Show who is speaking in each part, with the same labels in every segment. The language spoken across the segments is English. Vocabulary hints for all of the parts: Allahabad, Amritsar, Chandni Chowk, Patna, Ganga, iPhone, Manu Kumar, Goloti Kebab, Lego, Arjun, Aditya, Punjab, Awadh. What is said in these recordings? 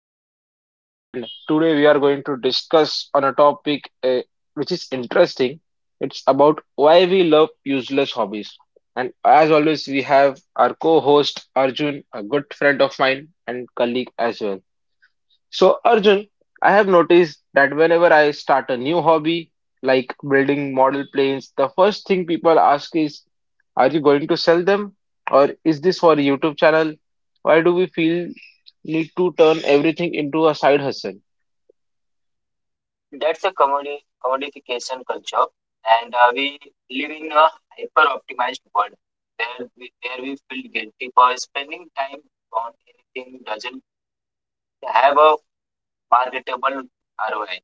Speaker 1: Aditya, and today we are going to discuss on a topic which is interesting. It's about why we love useless hobbies. And as always, we have our co-host Arjun, a good friend of mine and colleague as well. So, Arjun, I have noticed that whenever I start a new hobby, like building model planes, the first thing people ask is, are you going to sell them? Or is this for a YouTube channel? Why do we feel need to turn everything into a side hustle?
Speaker 2: That's a commodification culture, and we live in a hyper optimized world where where we feel guilty for spending time on anything doesn't have a marketable ROI,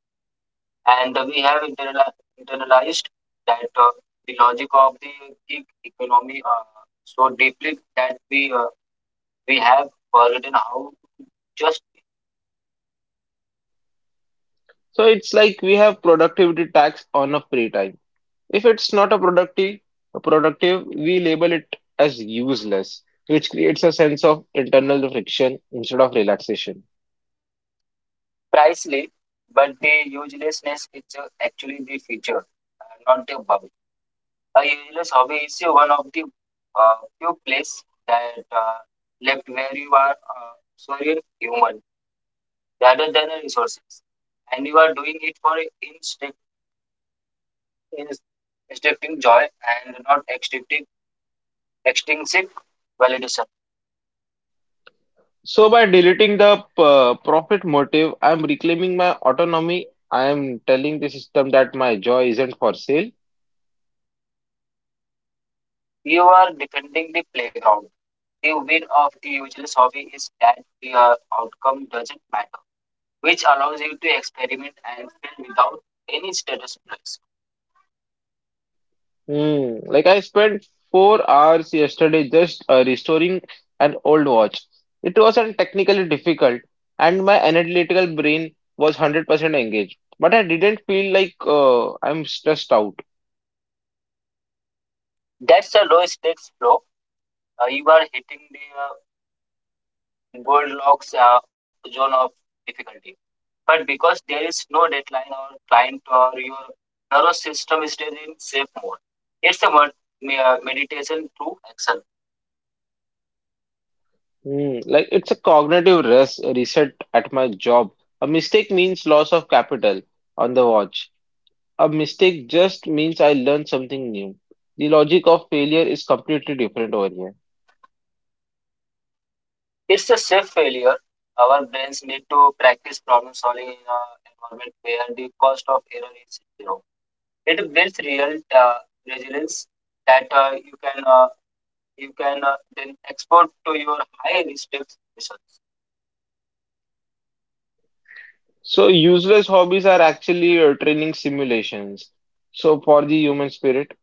Speaker 2: and we have internalized that the logic of the gig economy so deeply that we have forgotten how to just
Speaker 1: So it's like we have productivity tax on a free time. If it's not a productive, a productive, we label it as useless, which creates a sense of internal friction instead of relaxation.
Speaker 2: price. But the uselessness is actually the feature, not the bug. A useless hobby is one of the few places that left where you are solely human rather than a resources, and you are doing it for instinct, instincting joy and not extincting extrinsic validation.
Speaker 1: So by deleting the profit motive, I'm reclaiming my autonomy. I am telling the system that my joy isn't for sale.
Speaker 2: You are defending the playground. The win of the useless hobby is that the outcome doesn't matter, which allows you to experiment and fail without any status prize.
Speaker 1: Hmm. Like I spent 4 hours yesterday just restoring an old watch. It wasn't technically difficult, and my analytical brain was 100% engaged. But I didn't feel like I'm stressed out.
Speaker 2: That's a low stakes flow. You are hitting the Goldilocks zone of difficulty. But because there is no deadline or client or your nervous system stays in safe mode, it's a meditation through action.
Speaker 1: Hmm. Like it's a cognitive rest reset at my job. A mistake means loss of capital on the watch. A mistake just means I learned something new. The logic of failure is completely different over here.
Speaker 2: It's a safe failure. Our brains need to practice problem solving in an environment where the cost of error is zero. It builds real resilience that you can then export to your high risk research.
Speaker 1: So, useless hobbies are actually training simulations. So, for the human spirit,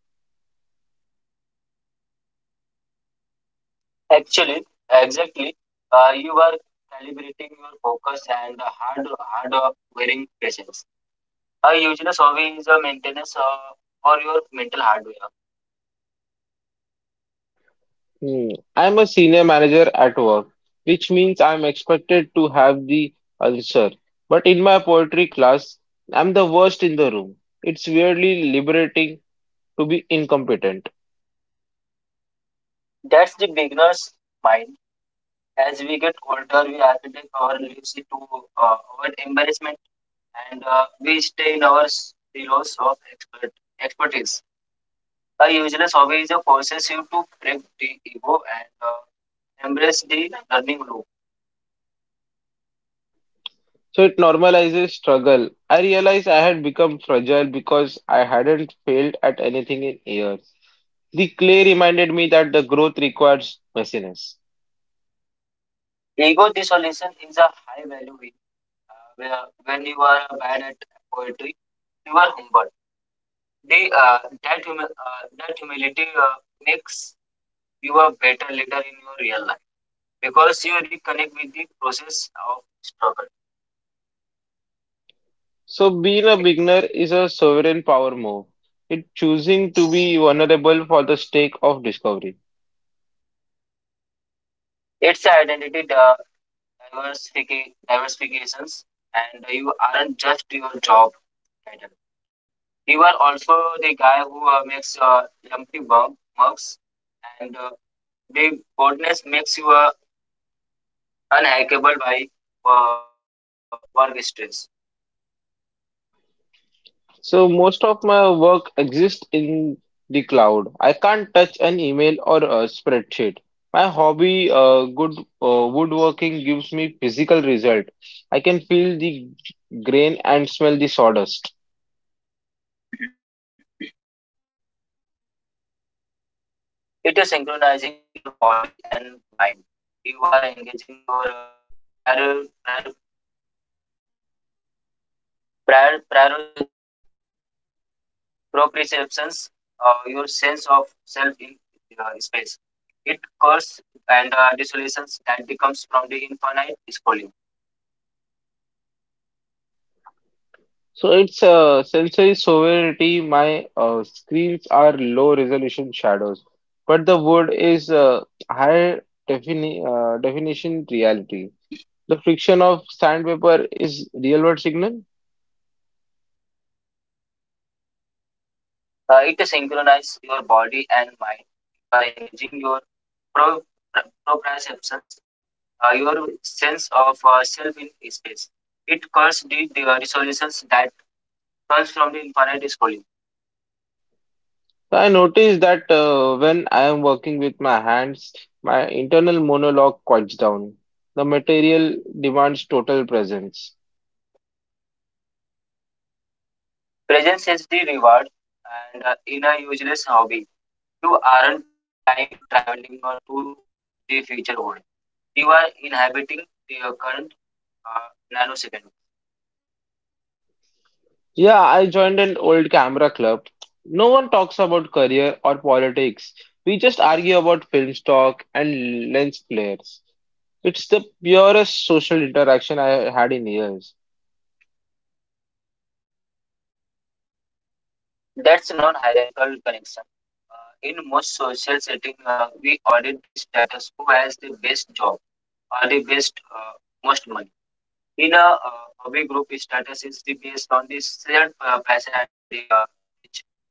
Speaker 2: Actually, exactly. You are calibrating your focus and the hard, hard wearing patience. A useless hobby is a maintenance for your mental hardware.
Speaker 1: hmm, I'm a senior manager at work, which means I'm expected to have the answer. But in my poetry class, I'm the worst in the room. It's weirdly liberating to be incompetent.
Speaker 2: That's the beginner's mind. As we get older, we architect our lives to our embarrassment and we stay in our silos of expertise. A useless hobby is a forces you to break the ego and embrace the learning loop.
Speaker 1: So it normalizes struggle. I realized I had become fragile because I hadn't failed at anything in years. The clay reminded me that the growth requires messiness.
Speaker 2: Ego dissolution is a high value where when you are bad at poetry, you are humble. The, uh, that humility makes you a better leader in your real life because you reconnect with the process of struggle.
Speaker 1: So being a beginner is a sovereign power move. It choosing to be vulnerable for the stake of discovery.
Speaker 2: It's a identity diversifications, and you aren't just your job title. You are also the guy who makes lumpy mugs, and the boldness makes you unhackable by uh, work stress.
Speaker 1: So most of my work exists in the cloud. I can't touch an email or a spreadsheet. My hobby, good woodworking, gives me physical result. I can feel the grain and smell the sawdust.
Speaker 2: It is synchronizing your body and mind. You are engaging your prior, prior, prior, prior proprioceptions, your sense of self in space. It curse and desolations that becomes from the infinite scrolling.
Speaker 1: So it's sensory sovereignty. My screens are low resolution shadows, but the wood is high definition reality. The friction of sandpaper is real world signal.
Speaker 2: It synchronizes your body and mind. You are engaging your pro, proprioceptions, your sense of self in space. It curse the resolutions that comes from the infinite scrolling.
Speaker 1: So, I notice that when I am working with my hands, my internal monologue quiets down. The material demands total presence.
Speaker 2: Presence is the reward, and in a useless hobby, you aren't time traveling or to the future world. You are inhabiting the current uh, nanosecond.
Speaker 1: Yeah, I joined an old camera club. No one talks about career or politics. We just argue about film stock and lens flares. It's the purest social interaction I had in years.
Speaker 2: That's non-hierarchical connection. In most social setting, we audit the status who has the best job or the best most money. In a hobby group, status is the based on the shared passion and the rich knowledge.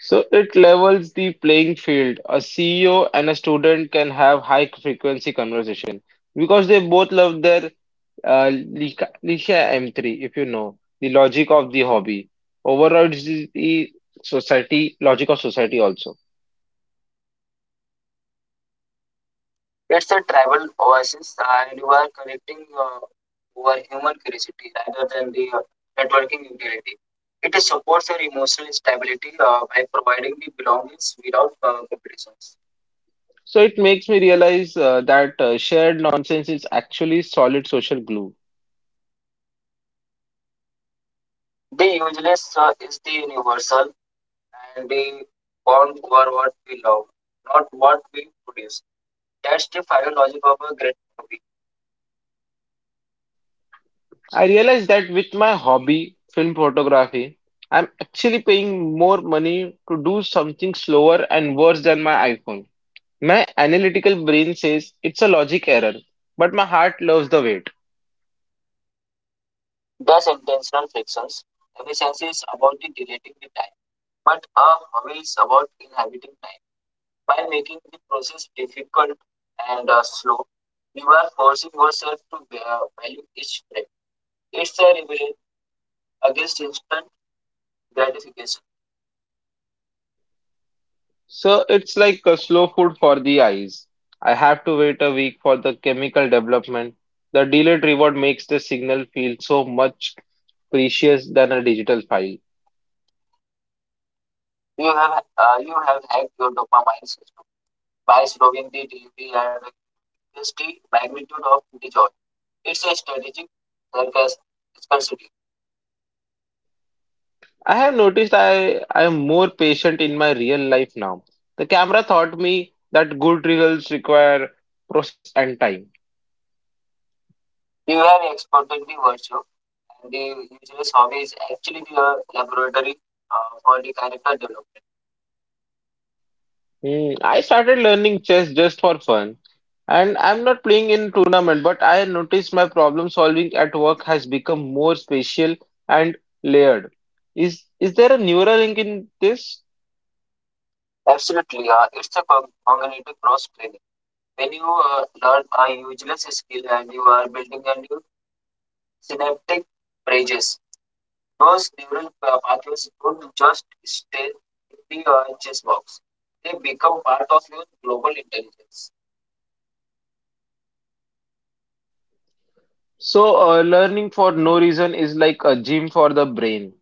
Speaker 1: So it levels the playing field. A CEO and a student can have high frequency conversation because they both love their Licia M3, if you know, the logic of the hobby. Overall, it is the society, logic of society also.
Speaker 2: It's a tribal oasis, and you are connecting over human curiosity rather than the networking utility. It supports your emotional stability by providing the belongings without competitions.
Speaker 1: So it makes me realize that shared nonsense is actually solid social glue.
Speaker 2: The useless is the universal, and the bond over what we love, not what we produce. That's the final logic of a great movie.
Speaker 1: I realized that with my hobby, film photography, I'm actually paying more money to do something slower and worse than my iPhone. My analytical brain says it's a logic error, but my heart loves the wait.
Speaker 2: Thus, intentional frictions. Efficiency is about the deleting the time, but a hobby is about inhabiting time. By making the process difficult and slow, you are forcing yourself to value each breath. It's a rebellion against instant gratification.
Speaker 1: So it's like a slow food for the eyes. I have to wait a week for the chemical development. The delayed reward makes the signal feel so much precious than a digital file.
Speaker 2: You have hacked your dopamine system by slowing the delivery and reduce the magnitude of the joy. It's a strategic circus scarcity.
Speaker 1: I have noticed I am more patient in my real life now. The camera taught me that good results require process and time.
Speaker 2: You have exported the virtue, and the useless hobby is actually the laboratory for the character development.
Speaker 1: Hmm, I started learning chess just for fun, and I'm not playing in tournament, but I noticed my problem solving at work has become more spatial and layered. Is there a neural link in this?
Speaker 2: Absolutely, it's a cognitive cross-training. When you learn a useless skill and you are building a new synaptic bridges, those neural pathways don't just stay in the chess box. They become part of your global intelligence.
Speaker 1: So, learning for no reason is like a gym for the brain.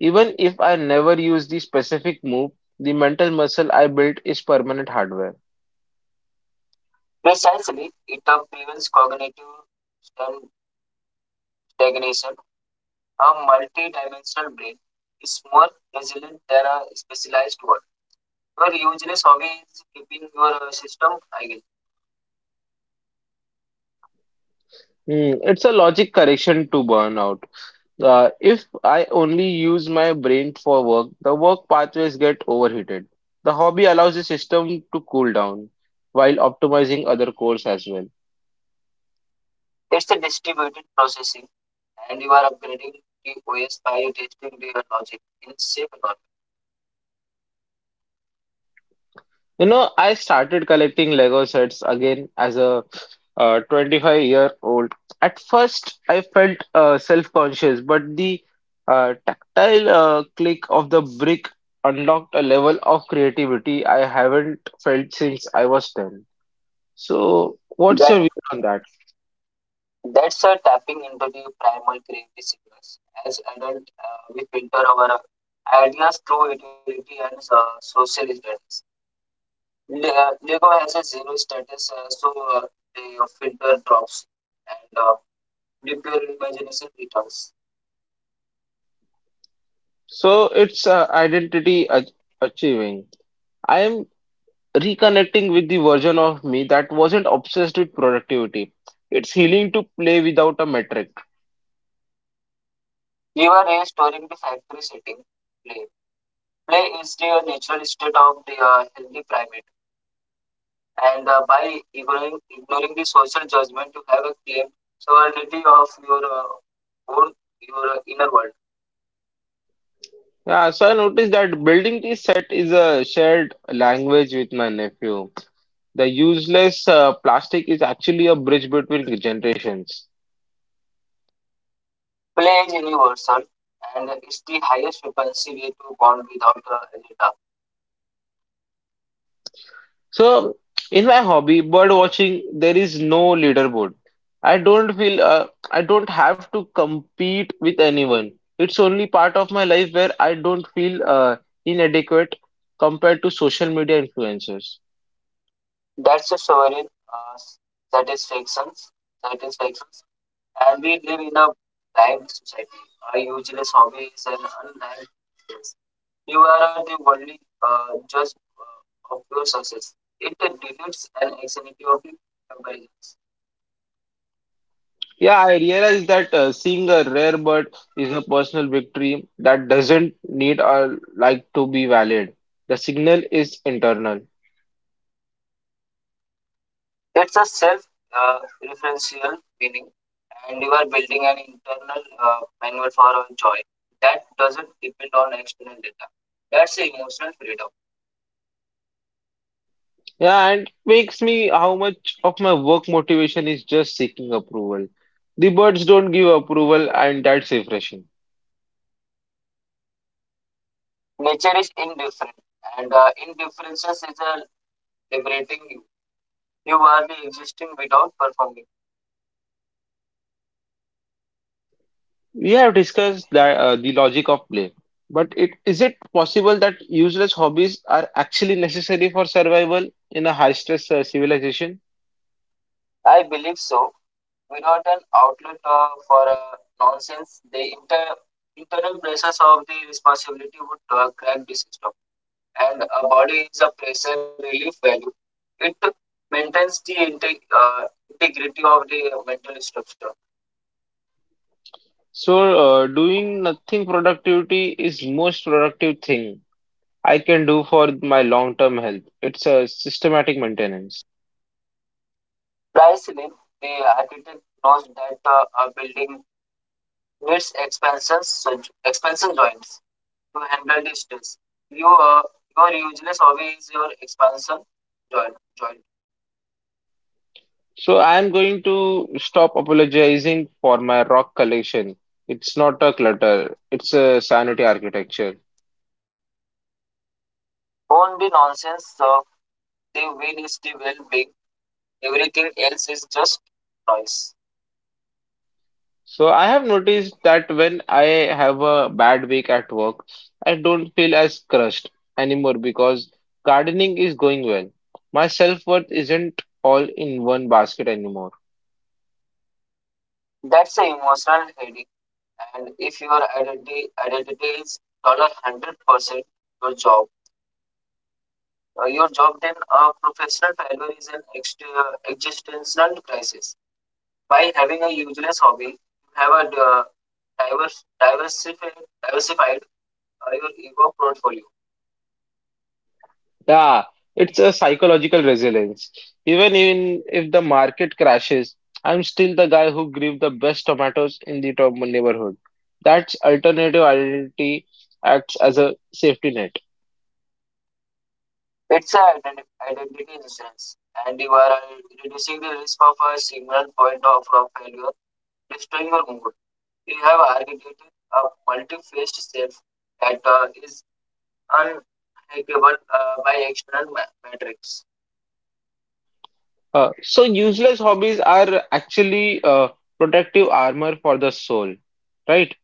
Speaker 1: Even if I never use the specific move, the mental muscle I built is permanent hardware.
Speaker 2: Precisely, it prevents cognitive stan- stagnation. A multi-dimensional brain is more resilient than a specialized one. Your useless hobby is keeping your system agile.
Speaker 1: Hmm, it's a logic correction to burnout. If I only use my brain for work, the work pathways get overheated. The hobby allows the system to cool down while optimizing other cores as well.
Speaker 2: It's a distributed processing, and you are upgrading the OS by testing your logic in safe environment.
Speaker 1: You know, I started collecting Lego sets again as a 25-year-old. At first, I felt self-conscious, but the tactile click of the brick unlocked a level of creativity I haven't felt since I was 10. So, what's
Speaker 2: That
Speaker 1: your views on that?
Speaker 2: that's a tapping into the primal creative signals. As adult, we filter our ideas through utility and social status. Lego has a zero status, so uh, the filter drops and the pure imagination returns.
Speaker 1: So it's identity ach achieving. I am reconnecting with the version of me that wasn't obsessed with productivity. It's healing to play without a metric.
Speaker 2: You are restoring the factory setting. Play. Play is the natural state of the healthy primate, and by ignoring the social judgment you have a claim sovereignty of your own, your inner world.
Speaker 1: Yeah, so I noticed that building this set is a shared language with my nephew. The useless plastic is actually a bridge between generations.
Speaker 2: Play is universal, and it's the highest frequency way to bond without agenda.
Speaker 1: So, in my hobby, bird watching, there is no leaderboard. I don't feel I don't have to compete with anyone. It's only part of my life where I don't feel inadequate compared to social media influencers.
Speaker 2: That's a sovereign uh, satisfactions satisfactions, and we live in a blind society. A useless hobby is an undying yes. You are the only judge of your success. It deletes an anxiety of the comparisons.
Speaker 1: Yeah, I realize that seeing a rare bird is a personal victory that doesn't need a like to be valid. The signal is internal.
Speaker 2: It's a self uh, referential meaning, and you are building an internal manual for our joy that doesn't depend on external data. That's the emotional freedom.
Speaker 1: Yeah, and it makes me how much of my work motivation is just seeking approval. The birds don't give approval, and that's refreshing.
Speaker 2: Nature is indifferent, and indifferences is a liberating you. You are the existing without performing.
Speaker 1: We have discussed that, the logic of play, but it is it possible that useless hobbies are actually necessary for survival in a high-stress civilization?
Speaker 2: I believe so. Without an outlet for nonsense, the internal pressures of the responsibility would crack the system, and a body is a pressure relief value. It maintains the integrity of the mental structure.
Speaker 1: So, doing nothing productivity is most productive thing I can do for my long-term health. It's a systematic maintenance.
Speaker 2: Dyselin, the architect, knows that a building needs expansion, so expansion joints to handle the stress. Your, your useless hobby is your expansion joint.
Speaker 1: So I'm going to stop apologizing for my rock collection. It's not a clutter, it's a sanity architecture.
Speaker 2: On the nonsense, the win is the well being, everything else is just noise.
Speaker 1: So I have noticed that when I have a bad week at work, I don't feel as crushed anymore because gardening is going well. My self-worth isn't all in one basket anymore.
Speaker 2: That's the emotional headache. And if your identity is dollar 100% your job, uh, your job, then a professional failure is an existential crisis. By having a useless hobby, you have a diverse, diversified, diversified your ego portfolio.
Speaker 1: Yeah, it's a psychological resilience. Even in if the market crashes, I'm still the guy who grew the best tomatoes in the top neighborhood. That's alternative identity acts as a safety net.
Speaker 2: It's an identity insurance, and you are reducing the risk of a single point of failure destroying your mood. You have architected a multi-faced self that is unbreakable by external metrics.
Speaker 1: So useless hobbies are actually protective armor for the soul, right?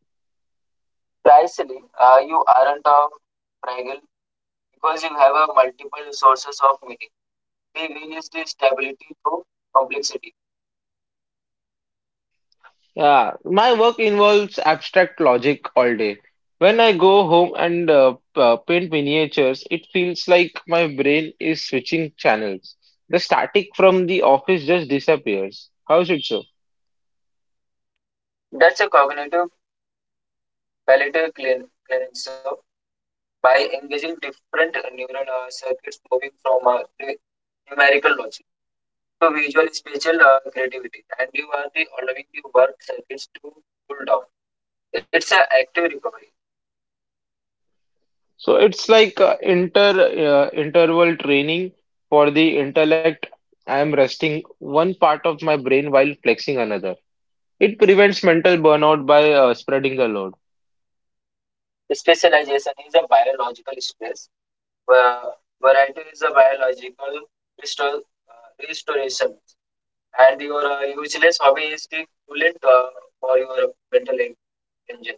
Speaker 2: Precisely, you aren't a fragile because you have a multiple sources of meaning. They release the stability through complexity.
Speaker 1: Yeah, my work involves abstract logic all day. When I go home and paint miniatures, it feels like my brain is switching channels. The static from the office just disappears. How should so?
Speaker 2: That's a cognitive palatal cleansing. So by engaging different neural circuits, moving from numerical logic to visual spatial creativity, and you are the allowing the work circuits to cool down. It's an active recovery.
Speaker 1: So it's like interval training for the intellect. I am resting one part of my brain while flexing another. It prevents mental burnout by spreading the load.
Speaker 2: Specialization is a biological stress. Va- Variety is a biological restor- restoration, and your useless hobby is the coolant for your mental engine.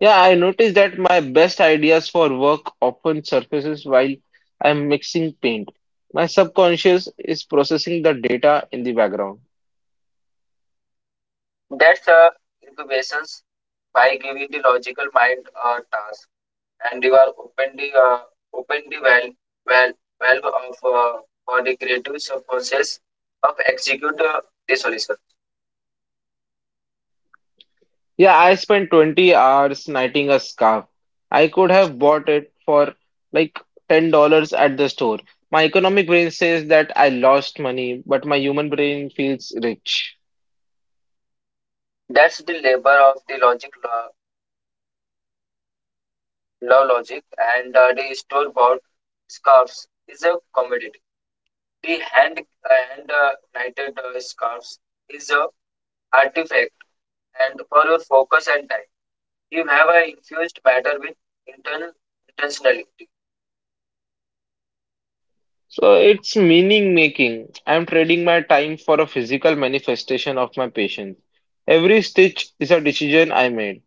Speaker 1: Yeah, I noticed that my best ideas for work often surfaces while I'm mixing paint. My subconscious is processing the data in the background.
Speaker 2: That's incubations by giving the logical mind a task, and you are open the valve, valve of for the creative process of execute the solution.
Speaker 1: Yeah, I spent 20 hours knitting a scarf. I could have bought it for like $10 at the store. My economic brain says that I lost money, but my human brain feels rich.
Speaker 2: That's the labor of the law logic, and the store bound scarves is a commodity. The hand knitted scarves is a artifact and for your focus and time. You have a infused matter with inten- intentionality.
Speaker 1: So it's meaning making. I'm trading my time for a physical manifestation of my patience. Every stitch is a decision I made.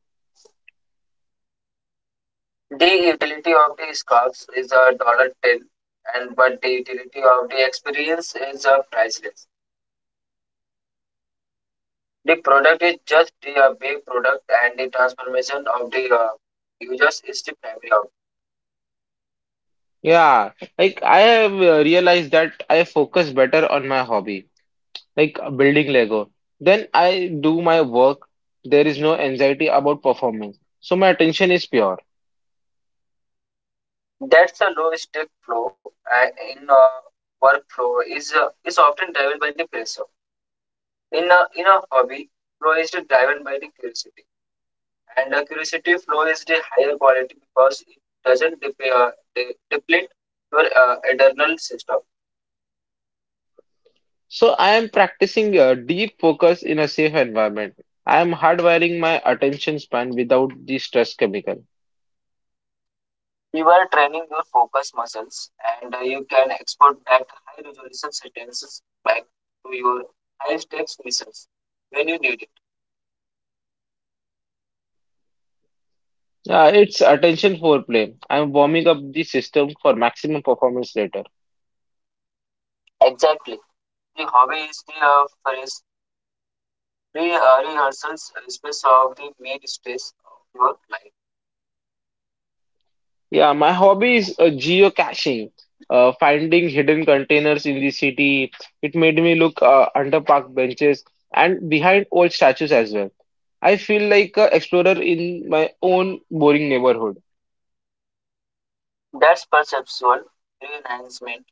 Speaker 2: The utility of the scarves is a dollar ten, and but the utility of the experience is a priceless. The product is just the big product, and the transformation of the users is the primary outcome.
Speaker 1: Yeah, like I have realized that I focus better on my hobby, like building Lego. Then I do my work. There is no anxiety about performance. So my attention is pure.
Speaker 2: That's a low stake flow in workflow is often driven by the pressure. In a hobby, flow is driven by the curiosity, and the curiosity flow is the higher quality because it doesn't deplete your internal system.
Speaker 1: So I am practicing a deep focus in a safe environment. I am hardwiring my attention span without the stress chemical.
Speaker 2: You are training your focus muscles, and you can export that high resolution sentences back to your high stakes missions when you need it.
Speaker 1: Yeah, it's attention foreplay. I'm warming up the system for maximum performance later.
Speaker 2: Exactly, the hobby is the phrase rehearsals space of the main stage of your life.
Speaker 1: Yeah, my hobby is geocaching, finding hidden containers in the city. It made me look under park benches and behind old statues as well. I feel like an explorer in my own boring neighborhood.
Speaker 2: That's perceptual reenhancement,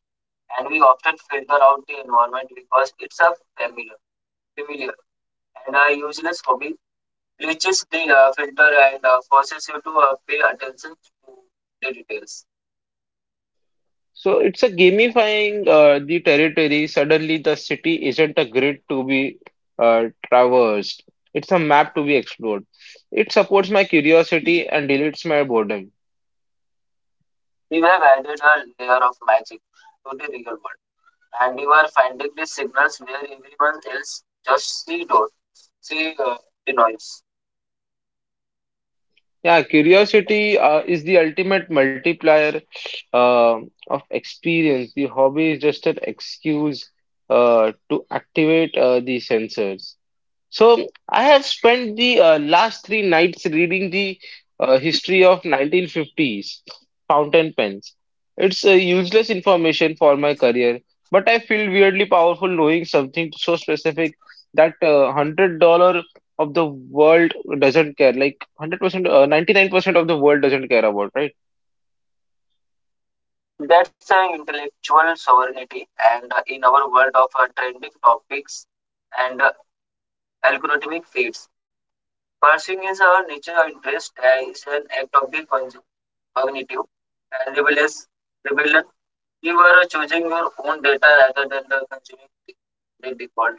Speaker 2: and we often filter out the environment because it's a familiar, familiar, and a useless hobby, which is the filter and forces you to pay attention to the details.
Speaker 1: So it's a gamifying the territory. Suddenly, the city isn't a grid to be traversed. It's a map to be explored. It supports my curiosity and deletes my boredom.
Speaker 2: We have added a layer of magic to the real world, and you are finding the signals where everyone else just see the noise.
Speaker 1: Yeah, curiosity is the ultimate multiplier uh, of experience. The hobby is just an excuse to activate the sensors. So I have spent the last three nights reading the history of 1950s fountain pens. It's a useless information for my career, but I feel weirdly powerful knowing something so specific that $100 of the world doesn't care. Like 100%, 99% of the world doesn't care about, right?
Speaker 2: That's an intellectual sovereignty, and in our world of trending topics and algorithmic feeds, pursuing his or her natural interest is an act of the cognitive and rebellious. Rebellion. You are choosing your own data rather than the consuming the default.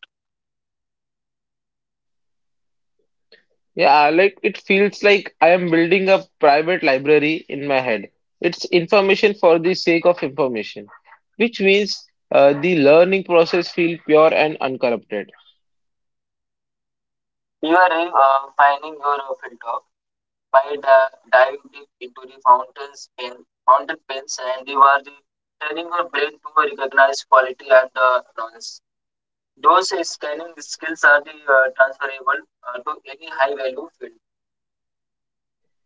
Speaker 1: Yeah, like it feels like I am building a private library in my head. It's information for the sake of information, which means the learning process feels pure and uncorrupted.
Speaker 2: You are finding your filter by diving deep into the fountain pens, and you are training your brain to recognize quality and noise. Those scanning skills are the transferable to any high value field.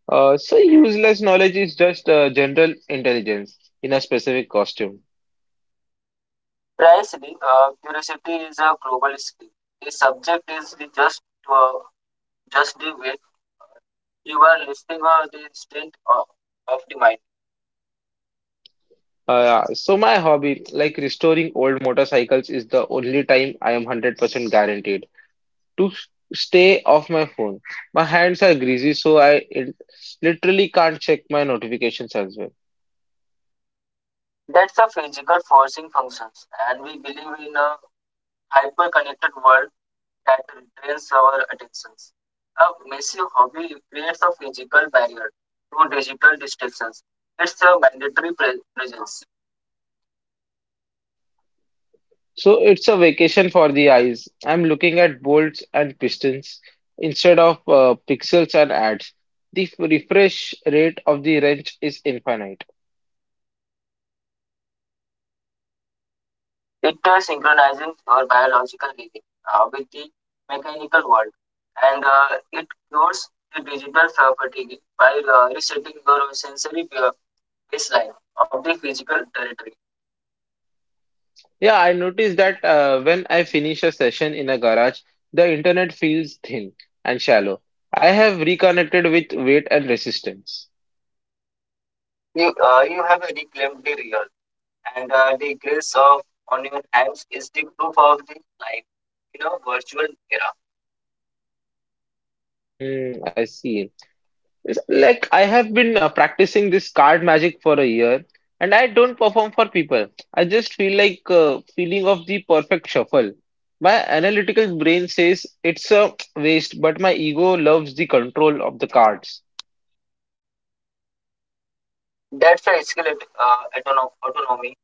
Speaker 1: So useless knowledge is just general intelligence in a specific costume.
Speaker 2: Precisely, curiosity is a global skill. The subject is the uh, just the way you are lifting the instinct of the mind.
Speaker 1: So my hobby, like restoring old motorcycles, is the only time I am 100% guaranteed to stay off my phone. My hands are greasy, so I it literally can't check my notifications as well.
Speaker 2: That's a physical forcing functions, and we believe in a hyper-connected world that drains our attentions. A massive hobby creates a physical barrier to digital distractions. It's a mandatory presence.
Speaker 1: So it's a vacation for the eyes. I'm looking at bolts and pistons instead of pixels and ads. The refresh rate of the wrench is infinite.
Speaker 2: It synchronizes your biological living with the mechanical world, and it cures the digital fatigue by resetting your sensory baseline of the physical territory.
Speaker 1: Yeah, I noticed that when I finish a session in a garage, the internet feels thin and shallow. I have reconnected with weight and resistance.
Speaker 2: You have reclaimed the real, and the grace of on your hands is the proof of the life in a virtual era.
Speaker 1: Hmm, I see. It's like I have been practicing this card magic for a year and I don't perform for people. I just feel like feeling of the perfect shuffle. My analytical brain says it's a waste, but my ego loves the control of the cards.
Speaker 2: That's a skill at autonomy.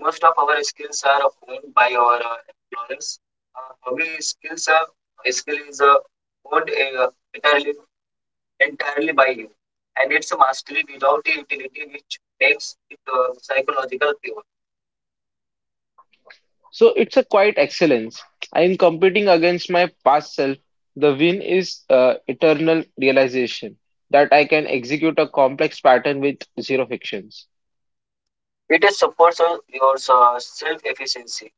Speaker 2: Most of our skills are owned by our employers. Hobby skill is owned entirely entirely by you, and it's a mastery without the utility which makes it psychological pure.
Speaker 1: So it's a quiet excellence. I am competing against my past self. The win is eternal realization that I can execute a complex pattern with zero frictions.
Speaker 2: It is supports your self efficiency.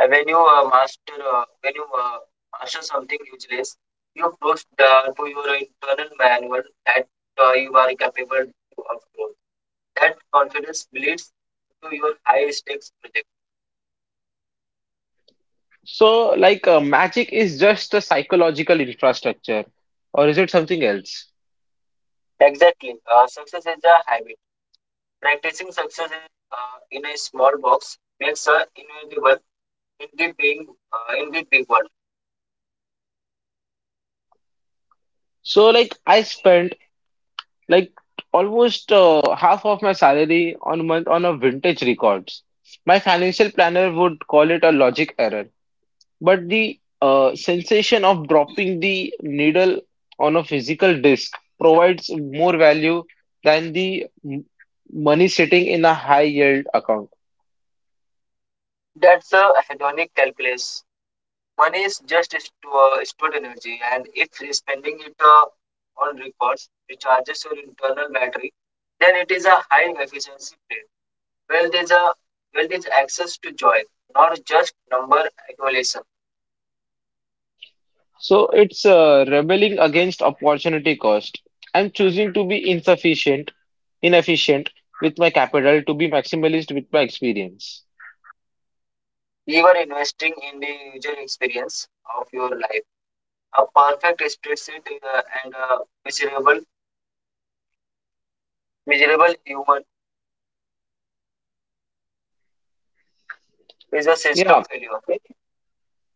Speaker 2: And when you master something useless, you approach to your internal manual that you are capable to upload. That confidence bleeds into your high stakes project.
Speaker 1: So, like, magic is just a psychological infrastructure, or is it something else?
Speaker 2: Exactly. Success is a habit. Practicing success in a small box makes a inevitable in the being in the big world.
Speaker 1: So, like, I spent like almost half of my salary on month on a vintage records. My financial planner would call it a logic error, but the sensation of dropping the needle on a physical disc provides more value than the money sitting in a high yield account.
Speaker 2: That's a hedonic calculus. Money is just stored energy, and if spending it on records recharges your internal battery, then it is a high efficiency play. Wealth is a wealth is access to joy, not just number accumulation.
Speaker 1: So it's rebelling against opportunity cost. I'm choosing to be insufficient, inefficient with my capital to be maximalist with my experience.
Speaker 2: We were investing in the user experience of your life. A perfect spreadsheet and a miserable, miserable human is a
Speaker 1: Yeah,
Speaker 2: system failure. Okay?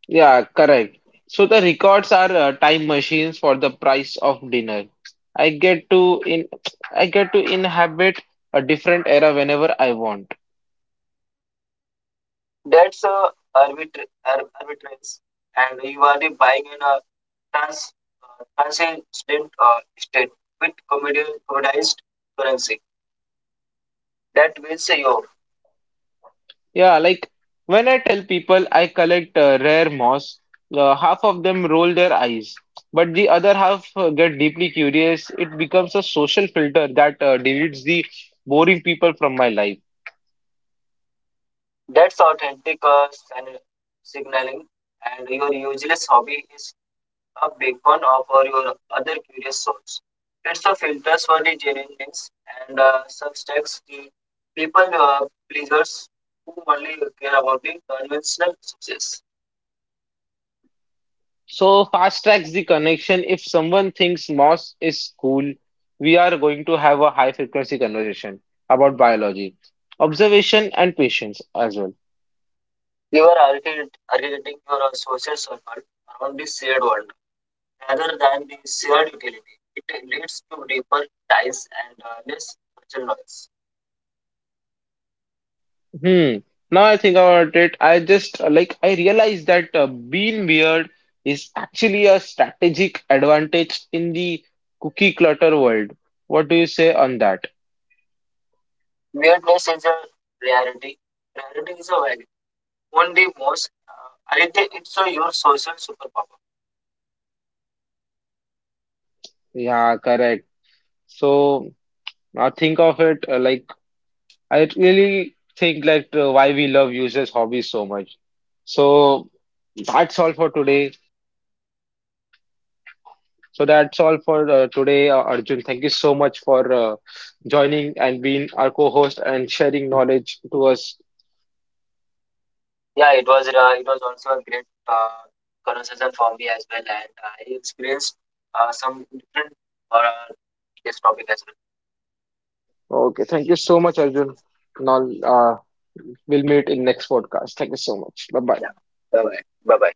Speaker 1: yeah, correct. So the records are time machines for the price of dinner. I get to in I get to inhabit a different era whenever I want.
Speaker 2: That's a arbitrance, and you are the buying in a trans, transient state with commoditized currency. That means your.
Speaker 1: Yeah, like when I tell people I collect rare moss, half of them roll their eyes, but the other half get deeply curious. It becomes a social filter that deletes the boring people from my life.
Speaker 2: That's authentic signaling, and your useless hobby is a beacon of for your other curious souls. It's a filters for the genuineness and substacks the people pleasers who only care about the conventional success.
Speaker 1: So fast tracks the connection. If someone thinks moss is cool, we are going to have a high frequency conversation about biology, observation, and patience as well.
Speaker 2: You are architecting your social circle around the shared world rather than the shared utility. It leads to deeper ties and less social noise.
Speaker 1: Hmm. Now I think about it, I just I realized that being weird is actually a strategic advantage in the cookie clutter world. What do you say on that?
Speaker 2: Weirdness is a rarity. Rarity is a value. Only most. I think it's your social superpower.
Speaker 1: Yeah, correct. So now think of it I really think that why we love users' hobbies so much. So that's all for today. So that's all for today, Arjun. Thank you so much for joining and being our co-host and sharing knowledge to us.
Speaker 2: Yeah, it was also a great conversation for me as well, and I experienced some different uh, this topic as well.
Speaker 1: Okay, thank you so much, Arjun. Now, we'll meet in next podcast. Thank you so much. Bye bye.
Speaker 2: Yeah. Bye bye. Bye bye.